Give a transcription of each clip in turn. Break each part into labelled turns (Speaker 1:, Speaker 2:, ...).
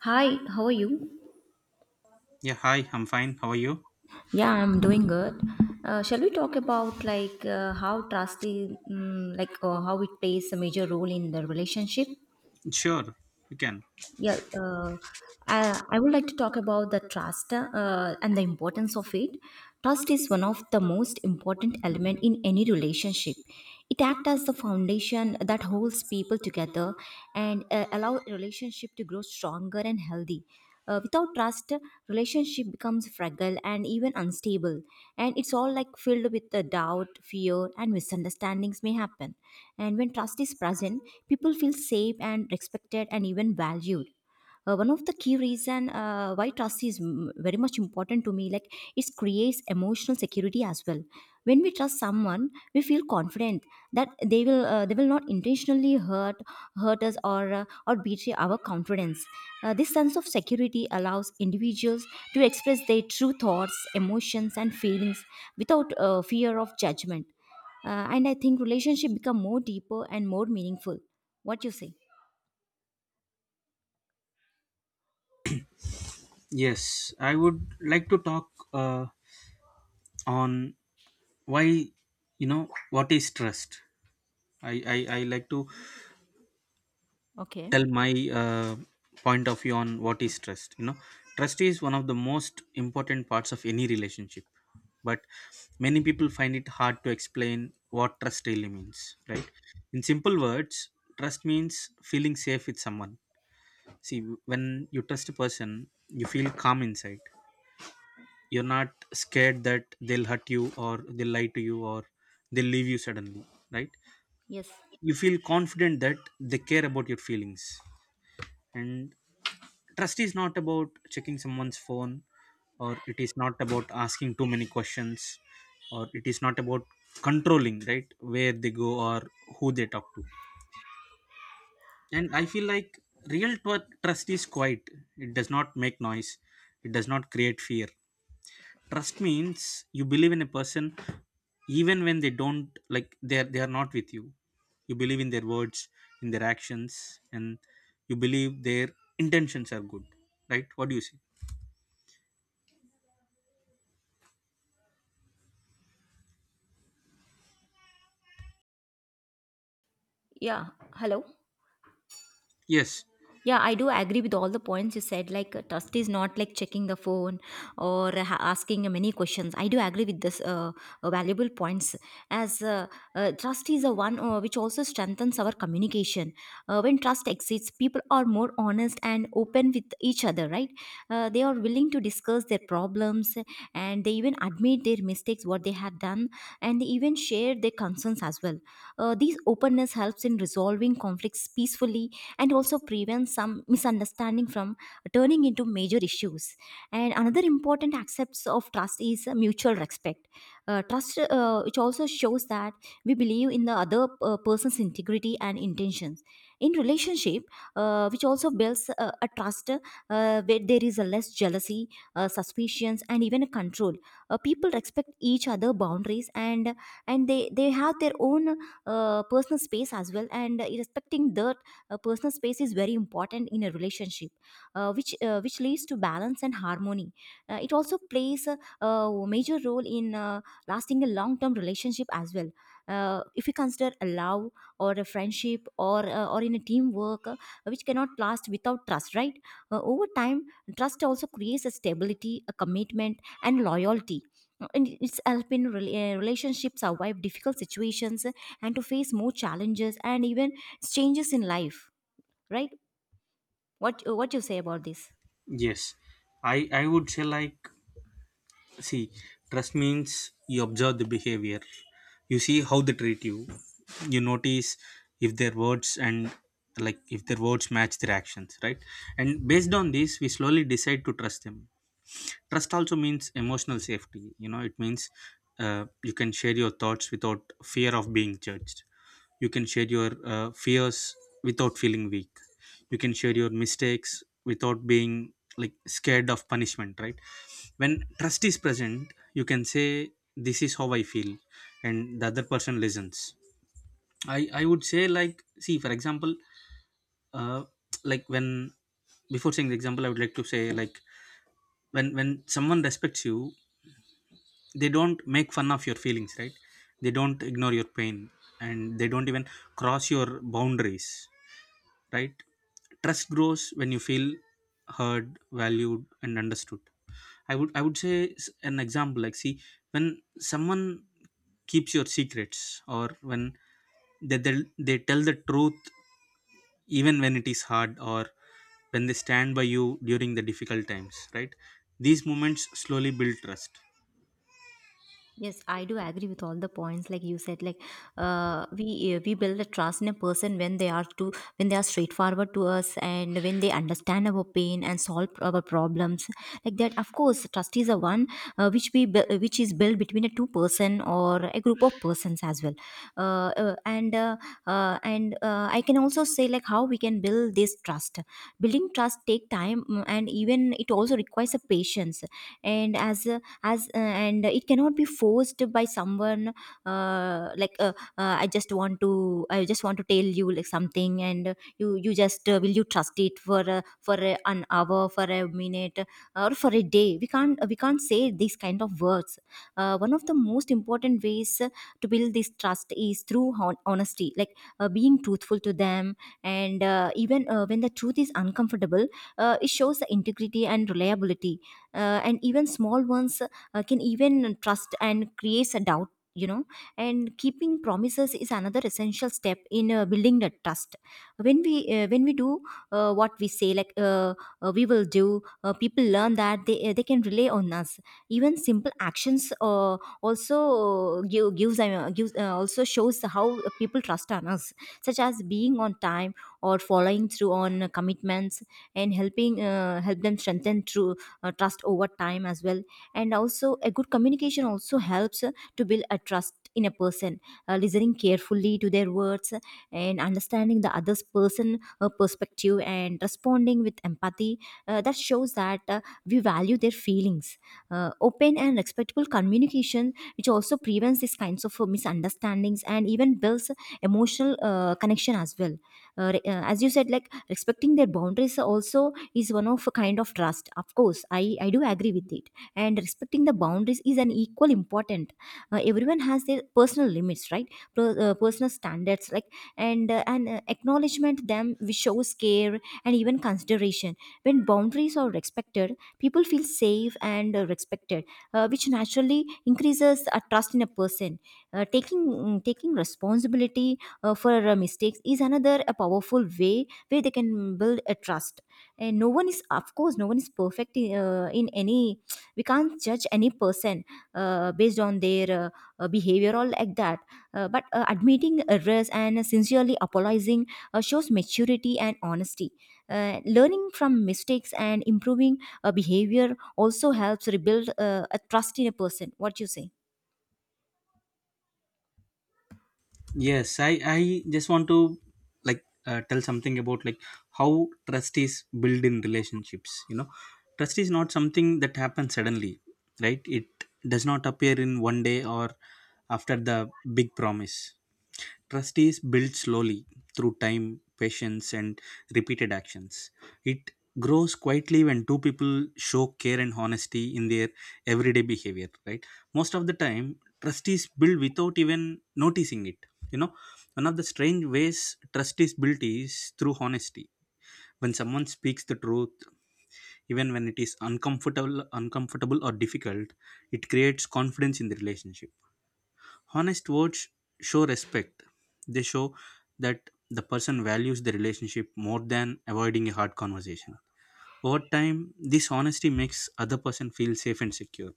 Speaker 1: Hi, how are you?
Speaker 2: Yeah, hi, I'm fine. How are you?
Speaker 1: Yeah, I'm doing good. Shall we talk about how trust is, how it plays a major role in the relationship?
Speaker 2: Sure, you can.
Speaker 1: Yeah, I would like to talk about the trust and the importance of it. Trust is one of the most important element in any relationship. It acts as the foundation that holds people together and allow relationship to grow stronger and healthy. Without trust, relationship becomes fragile and even unstable, and it's all like filled with the doubt, fear, and misunderstandings may happen. And when trust is present, people feel safe and respected and even valued. One of the key reason why trust is very much important to me, like it creates emotional security as well. When we trust someone we feel confident that they will not intentionally hurt us or betray our confidence. This sense of security allows individuals to express their true thoughts, emotions and feelings without fear of judgment. And I think relationship become more deeper and more meaningful. What you say?
Speaker 2: Yes, I would like to talk uh, on why, what is trust? I like to
Speaker 1: Okay.
Speaker 2: tell my point of view on what is trust. You know, trust is one of the most important parts of any relationship, but many people find it hard to explain what trust really means, right? In simple words, trust means feeling safe with someone. See, when you trust a person, you feel calm inside. You're not scared that they'll hurt you or they'll lie to you or they'll leave you suddenly, right?
Speaker 1: Yes.
Speaker 2: You feel confident that they care about your feelings. And trust is not about checking someone's phone or it is not about asking too many questions or it is not about controlling, right? Where they go or who they talk to. And I feel like trust is quiet, it does not make noise, it does not create fear. Trust means you believe in a person even when they don't, like they are not with you. You believe in their words, in their actions, and you believe their intentions are good, right? What do you say?
Speaker 1: Yeah. Hello.
Speaker 2: Yes,
Speaker 1: Yeah, I do agree with all the points you said. Like, trust is not like checking the phone or asking many questions. I do agree with this valuable points. As Trust is a one which also strengthens our communication. When trust exists, people are more honest and open with each other, right? They are willing to discuss their problems and they even admit their mistakes, what they have done, and they even share their concerns as well. This openness helps in resolving conflicts peacefully and also prevent some misunderstanding from turning into major issues. And another important aspect of trust is mutual respect. Trust, which also shows that we believe in the other person's integrity and intentions. In relationship, which also builds a trust where there is a less jealousy, suspicions, and even a control. People respect each other boundaries and they have their own personal space as well, and respecting the personal space is very important in a relationship, which leads to balance and harmony. It also plays a major role in lasting a long term relationship as well. If you consider a love or a friendship or in a teamwork, which cannot last without trust, right? Over time trust also creates a stability, a commitment and loyalty. And it's helping relationships survive difficult situations, and to face more challenges and even changes in life, right? What you say about this?
Speaker 2: yes, I would say like, see, trust means you observe the behavior, you see how they treat you, you notice if their words and, like, if their words match their actions, right? And based on this we slowly decide to trust them. Trust also means emotional safety, you know. It means you can share your thoughts without fear of being judged, you can share your fears without feeling weak, you can share your mistakes without being, like, scared of punishment, right? When trust is present you can say, this is how I feel, and the other person listens. I would say like, see, for example, uh, like when, before saying the example I would like to say like, when someone respects you, they don't make fun of your feelings, right? They don't ignore your pain and they don't even cross your boundaries, right? Trust grows when you feel heard, valued, and understood. I would say an example like, see, when someone keeps your secrets, or when they they, they tell the truth even when it is hard, or when they stand by you during the difficult times, right? These moments slowly build trust.
Speaker 1: Yes, I do agree with all the points. Like you said, like we build a trust in a person when they are to when they are straightforward to us and when they understand our pain and solve our problems. Like that, of course, trust is a one which is built between a two person or a group of persons as well. Uh, uh, and uh, and I can also say like how we can build this trust. Building trust take time, and even it also requires a patience. And as a as and it cannot be forced by someone. I just want to tell you like something, and you you just will you trust it for an hour, for a minute or for a day? We can't say these kind of words. One of the most important ways to build this trust is through honesty, like being truthful to them, and even when the truth is uncomfortable, it shows the integrity and reliability. And even small ones can even trust and creates a doubt, you know. And keeping promises is another essential step in building the trust. When we do what we say like we will do, people learn that they can rely on us. Even simple actions also give, gives gives also shows how people trust on us, such as being on time or following through on commitments, and helping help them strengthen through trust over time as well. And also a good communication also helps to build a trust in a person. Listening carefully to their words and understanding the other's person perspective and responding with empathy, that shows that we value their feelings. Open and respectful communication which also prevents these kinds of misunderstandings and even builds emotional connection as well. As you said, like respecting their boundaries also is one of a kind of trust. Of course I do agree with you, and respecting the boundaries is an equal important. Everyone has their personal limits, right? Personal standards, like and acknowledgement them, which shows care and even consideration. When boundaries are respected, people feel safe and respected, which naturally increases a trust in a person. Taking taking responsibility for mistakes is another a powerful way where they can build a trust. And no one is, of course, no one is perfect in any. We can't judge any person based on their behavior or like that. But admitting errors and sincerely apologizing shows maturity and honesty. Learning from mistakes and improving behavior also helps rebuild a trust in a person. What do you say?
Speaker 2: Yes, I just want to, like, tell something about, like, how trust is built in relationships, you know. Trust is not something that happens suddenly, right? It does not appear in one day or after the big promise. Trust is built slowly, through time, patience, and repeated actions. It grows quietly when two people show care and honesty in their everyday behavior, right? Most of the time trust is built without even noticing it, you know. One of the strange ways trust is built is through honesty. When someone speaks the truth even when it is uncomfortable or difficult, it creates confidence in the relationship. Honest words show respect, they show that the person values the relationship more than avoiding a hard conversation. Over time, this honesty makes other person feel safe and secure.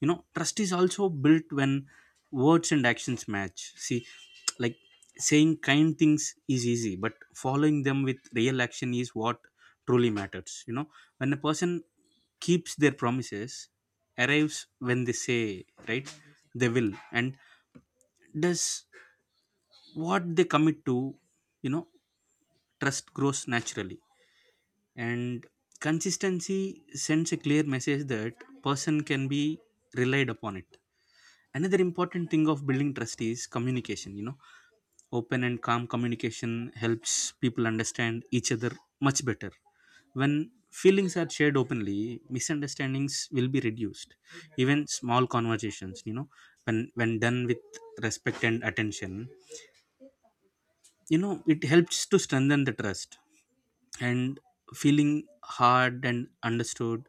Speaker 2: You know, trust is also built when words and actions match. See, like, saying kind things is easy but following them with real action is what truly matters, you know. When a person keeps their promises, arrives when they say, right, they will, and does what they commit to, you know, trust grows naturally, and consistency sends a clear message that person can be relied upon it. Another important thing of building trust is communication, you know. Open and calm communication helps people understand each other much better. When feelings are shared openly, misunderstandings will be reduced. Even small conversations, you know, when done with respect and attention, you know, it helps to strengthen the trust. And feeling heard and understood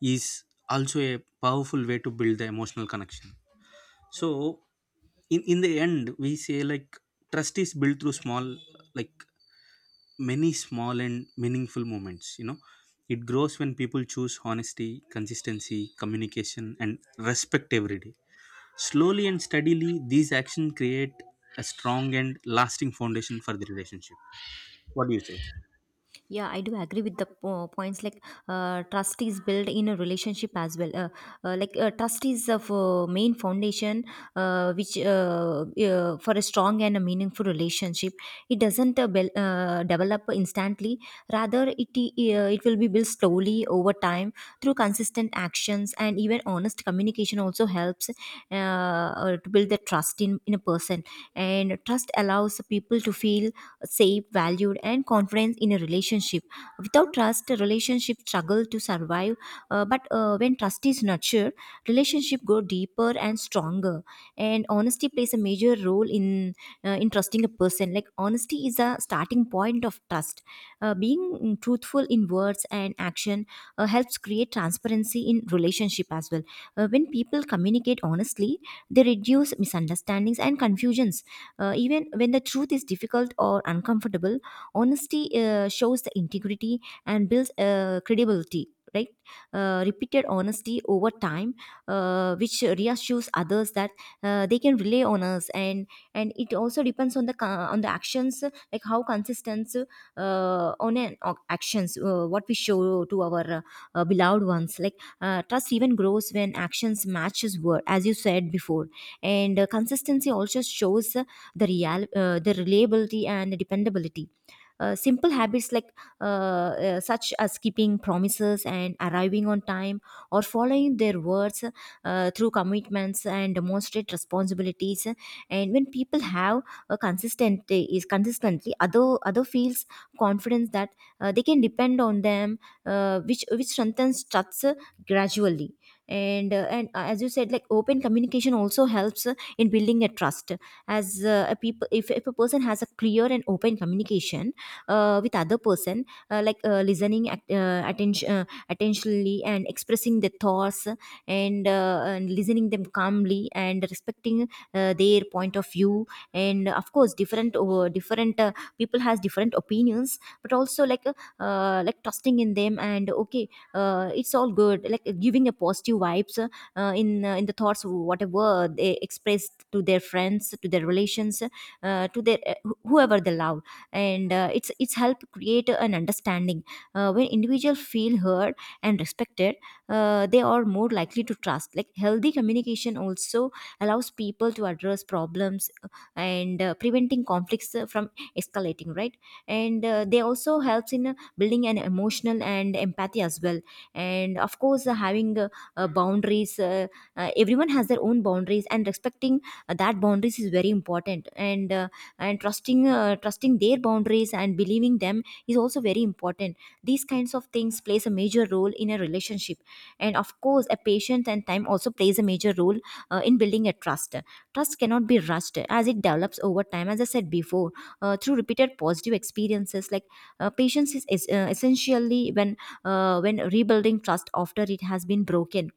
Speaker 2: is also a powerful way to build the emotional connection. So, in the end we say like, trust is built through small, like, many small and meaningful moments, you know. It grows when people choose honesty, consistency, communication, and respect every day. Slowly and steadily these actions create a strong and lasting foundation for the relationship. What do you say?
Speaker 1: Yeah, I do agree with the points, like trust is built in a relationship as well. Trust is the main foundation, which for a strong and a meaningful relationship. It doesn't bel develop instantly. Rather, it will be built slowly over time through consistent actions and even honest communication. Also helps to build the trust in a person, and trust allows people to feel safe, valued, and confidence in a relationship. Without trust, a relationship struggle to survive. But when trust is nurtured, relationship grow deeper and stronger. And honesty plays a major role in trusting a person. Like honesty is a starting point of trust. Being truthful in words and action helps create transparency in relationship as well. When people communicate honestly, they reduce misunderstandings and confusions, even when the truth is difficult or uncomfortable, honesty shows the integrity and builds credibility. Right, repeated honesty over time which reassures others that they can rely on us. And it also depends on the on the actions, like how consistent actions what we show to our beloved ones. Like trust even grows when actions matches word, as you said before, and consistency also shows the real the reliability and dependability. Uh, simple habits like uh, uh, such as keeping promises and arriving on time or following their words through commitments and demonstrate responsibilities. And when people have a consistent is consistently, other feels confidence that they can depend on them, which strengthens trust gradually. And as you said, like open communication also helps in building a trust. As a people, if a person has a clear and open communication with other person, listening at, attention attentionally and expressing their thoughts, and listening them calmly and respecting their point of view. And of course different people has different opinions, but also like trusting in them, and okay, it's all good, like giving a positive vibes in the thoughts whatever they express to their friends, to their relations, to their whoever they love. And it's help create an understanding when individuals feel heard and respected, they are more likely to trust. Like healthy communication also allows people to address problems and preventing conflicts from escalating, right? and They also helps in building an emotional and empathy as well. And of course having boundaries, everyone has their own boundaries, and respecting that boundaries is very important. And trusting, trusting their boundaries and believing them is also very important. These kinds of things plays a major role in a relationship. And of course a patience and time also plays A major role in building a trust. Trust cannot be rushed as it develops over time, as I said before, through repeated positive experiences. Like patience is essentially when rebuilding trust after it has been broken,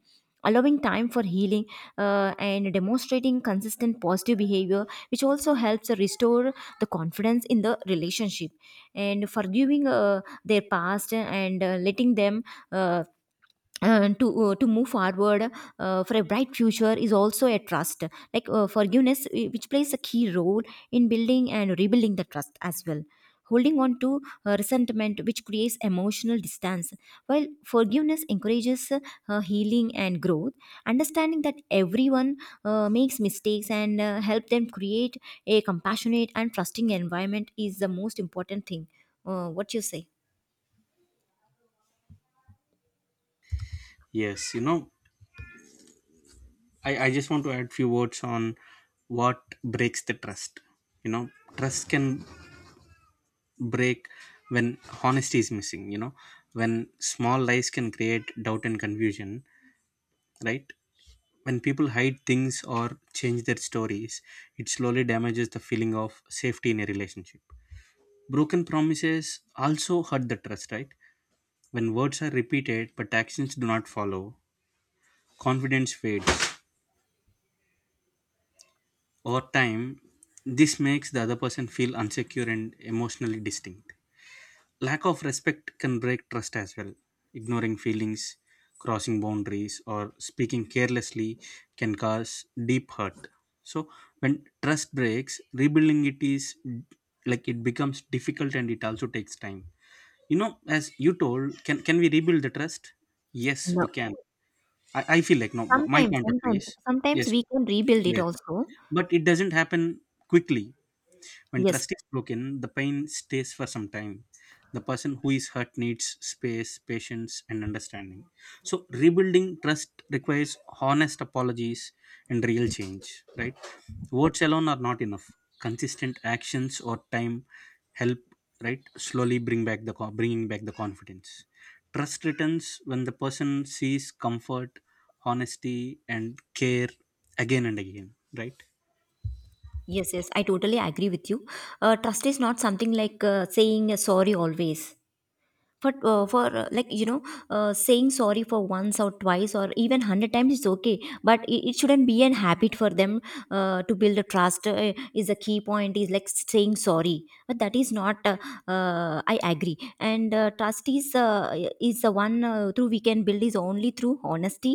Speaker 1: allowing time for healing, and demonstrating consistent positive behavior, which also helps restore the confidence in the relationship. And forgiving their past and letting them uh, to move forward for a bright future is also a trust. Like forgiveness, which plays a key role in building and rebuilding the trust as well. Holding on to resentment, which creates emotional distance, while forgiveness encourages healing and growth. Understanding that everyone makes mistakes and help them create a compassionate and trusting environment is the most important thing. What you say?
Speaker 2: Yes, you know, I just want to add few words on what breaks the trust, you know. Trust can break when honesty is missing, you know, when small lies can create doubt and confusion, right? When people hide things or change their stories, it slowly damages the feeling of safety in a relationship. Broken promises also hurt the trust, right? When words are repeated but actions do not follow, confidence fades. Over time this makes the other person feel insecure and emotionally distinct. Lack of respect can break trust as well. Ignoring feelings, crossing boundaries, or speaking carelessly can cause deep hurt. So, when trust breaks, rebuilding it is, like, it becomes difficult and it also takes time. You know, as you told, can we rebuild the trust? Yes, we
Speaker 1: No.
Speaker 2: can. I feel like, no, my
Speaker 1: Sometimes,
Speaker 2: point of view
Speaker 1: sometimes,
Speaker 2: is,
Speaker 1: sometimes
Speaker 2: yes,
Speaker 1: we can rebuild it
Speaker 2: yes.
Speaker 1: also.
Speaker 2: But it doesn't happen quickly. When
Speaker 1: Yes,
Speaker 2: trust is broken, the pain stays for some time. The person who is hurt needs space, patience, and understanding. So, rebuilding trust requires honest apologies and real change, right? Words alone are not enough. Consistent actions or time help, right? Slowly bring back the bringing back the confidence. Trust returns when the person sees comfort, honesty, and care again and again, right?
Speaker 1: yes, yes, I totally agree with you. Trust is not something like saying sorry always. For Like, you know, saying sorry for once or twice or even 100 times is okay, but it shouldn't be an habit for them to build a trust. Is a key point is like saying sorry, but that is not I agree. And trust is the one through we can build is only through honesty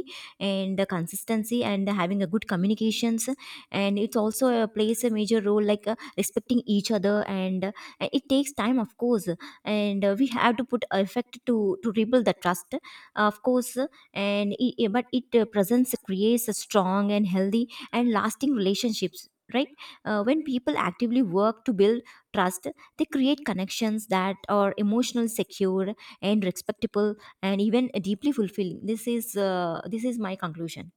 Speaker 1: and consistency and having a good communications, and it's also plays a major role, like respecting each other, and it takes time, of course. And we have to put effect to rebuild the trust, of course. But it presents, creates a strong and healthy and lasting relationships, right? When people actively work to build trust, they create connections that are emotional, secure, and respectable, and even deeply fulfilling. This is this is my conclusion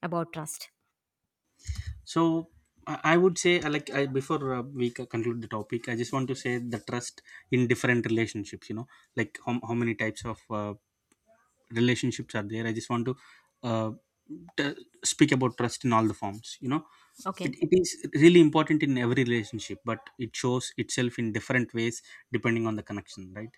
Speaker 1: about trust.
Speaker 2: So, I would say, like, I, before we conclude the topic, I just want to say the trust in different relationships, you know. Like, how many types of relationships are there. I just want to uh, t- speak about trust in all the forms, you know. it,
Speaker 1: Okay.
Speaker 2: it is really important in every relationship but it shows itself in different ways depending on the connection, right?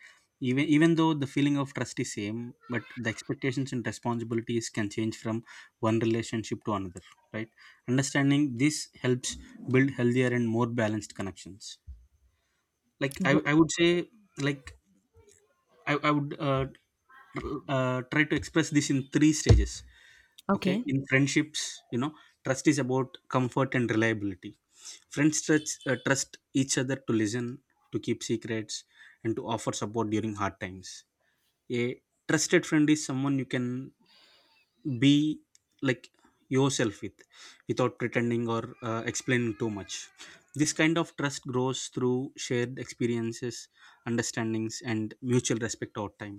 Speaker 2: Even though the feeling of trust is same, but the expectations and responsibilities can change from one relationship to another, right? Understanding this helps build healthier and more balanced connections. Like, i,
Speaker 1: Ye-
Speaker 2: I would say, like, I would try to express this in three stages. Okay,
Speaker 1: okay,
Speaker 2: in friendships, you know, trust is about comfort and reliability. Friends trust each other to listen, to keep secrets, and to offer support during hard times. A trusted friend is someone you can be, like, yourself with, without pretending or explaining too much. This kind of trust grows through shared experiences, understandings, and mutual respect over time.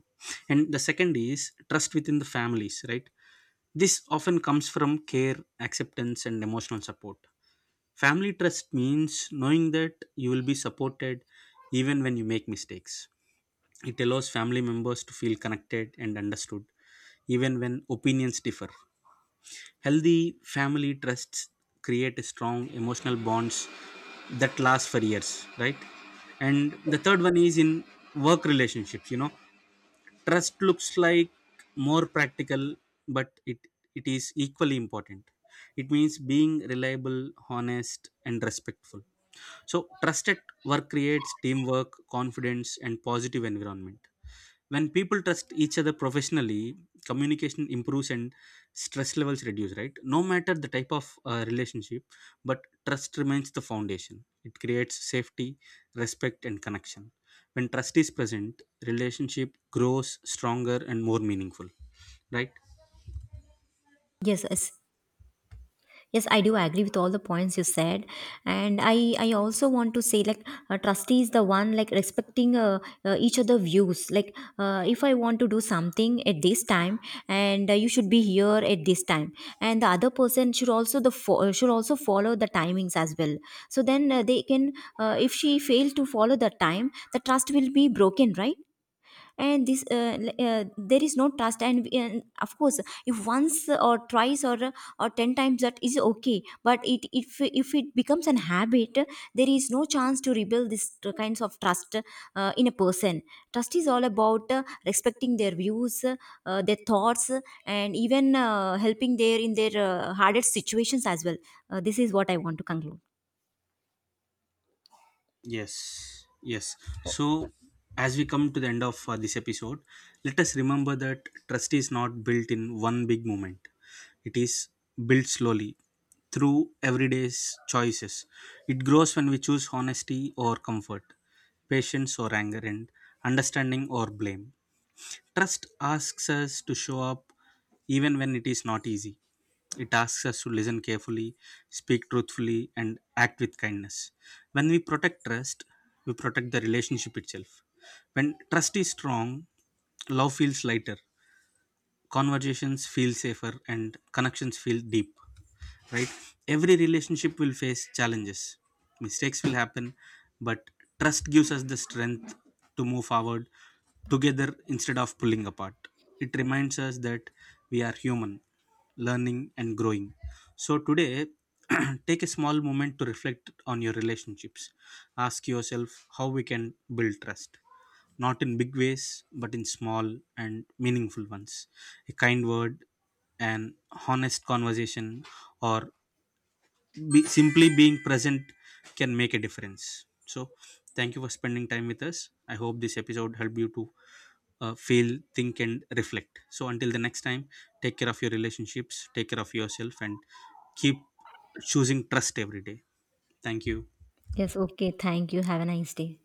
Speaker 2: And the second is trust within the families, right? This often comes from care, acceptance, and emotional support. Family trust means knowing that you will be supported even when you make mistakes. It allows family members to feel connected and understood, even when opinions differ. Healthy family trusts create a strong emotional bonds that last for years, right? And the third one is in work relationships. You know, trust looks like more practical, but it is equally important. It means being reliable, honest, and respectful. So, trust at work creates teamwork, confidence, and positive environment. When people trust each other professionally, communication improves and stress levels reduce, right? No matter the type of relationship, but trust remains the foundation. It creates safety, respect, and connection. When trust is present, relationship grows stronger and more meaningful, right?
Speaker 1: yes, yes, yes, I do agree with all the points you said. And I also want to say, like, trustee is the one like respecting each other views. Like, if I want to do something at this time, and you should be here at this time, and the other person should also should also follow the timings as well. So then they can if she fails to follow the time, the trust will be broken, right? And this there is no trust. And, of course, if once or twice or 10 times, that is okay. But it, if it becomes an habit, there is no chance to rebuild this kinds of trust in a person. Trust is all about respecting their views, their thoughts, and even helping their in their hardest situations as well. This is what I want to conclude.
Speaker 2: Yes, yes. So, as we come to the end of this episode, let us remember that trust is not built in one big moment. It is built slowly through everyday's choices. It grows when we choose honesty or comfort, patience or anger, and understanding or blame. Trust asks us to show up even when it is not easy. It asks us to listen carefully, speak truthfully, and act with kindness. When we protect trust, we protect the relationship itself. When trust is strong, love feels lighter, conversations feel safer, and connections feel deep, right? Every relationship will face challenges, mistakes will happen, but trust gives us the strength to move forward together instead of pulling apart. It reminds us that we are human, learning and growing. So today take a small moment to reflect on your relationships. Ask yourself how we can build trust, not in big ways, but in small and meaningful ones. A kind word, an honest conversation, or simply being present can make a difference. So, thank you for spending time with us. I hope this episode helped you to feel, think, and reflect. So, until the next time, take care of your relationships, take care of yourself, and keep choosing trust every day. Thank you.
Speaker 1: Yes, okay, thank you, have a nice day.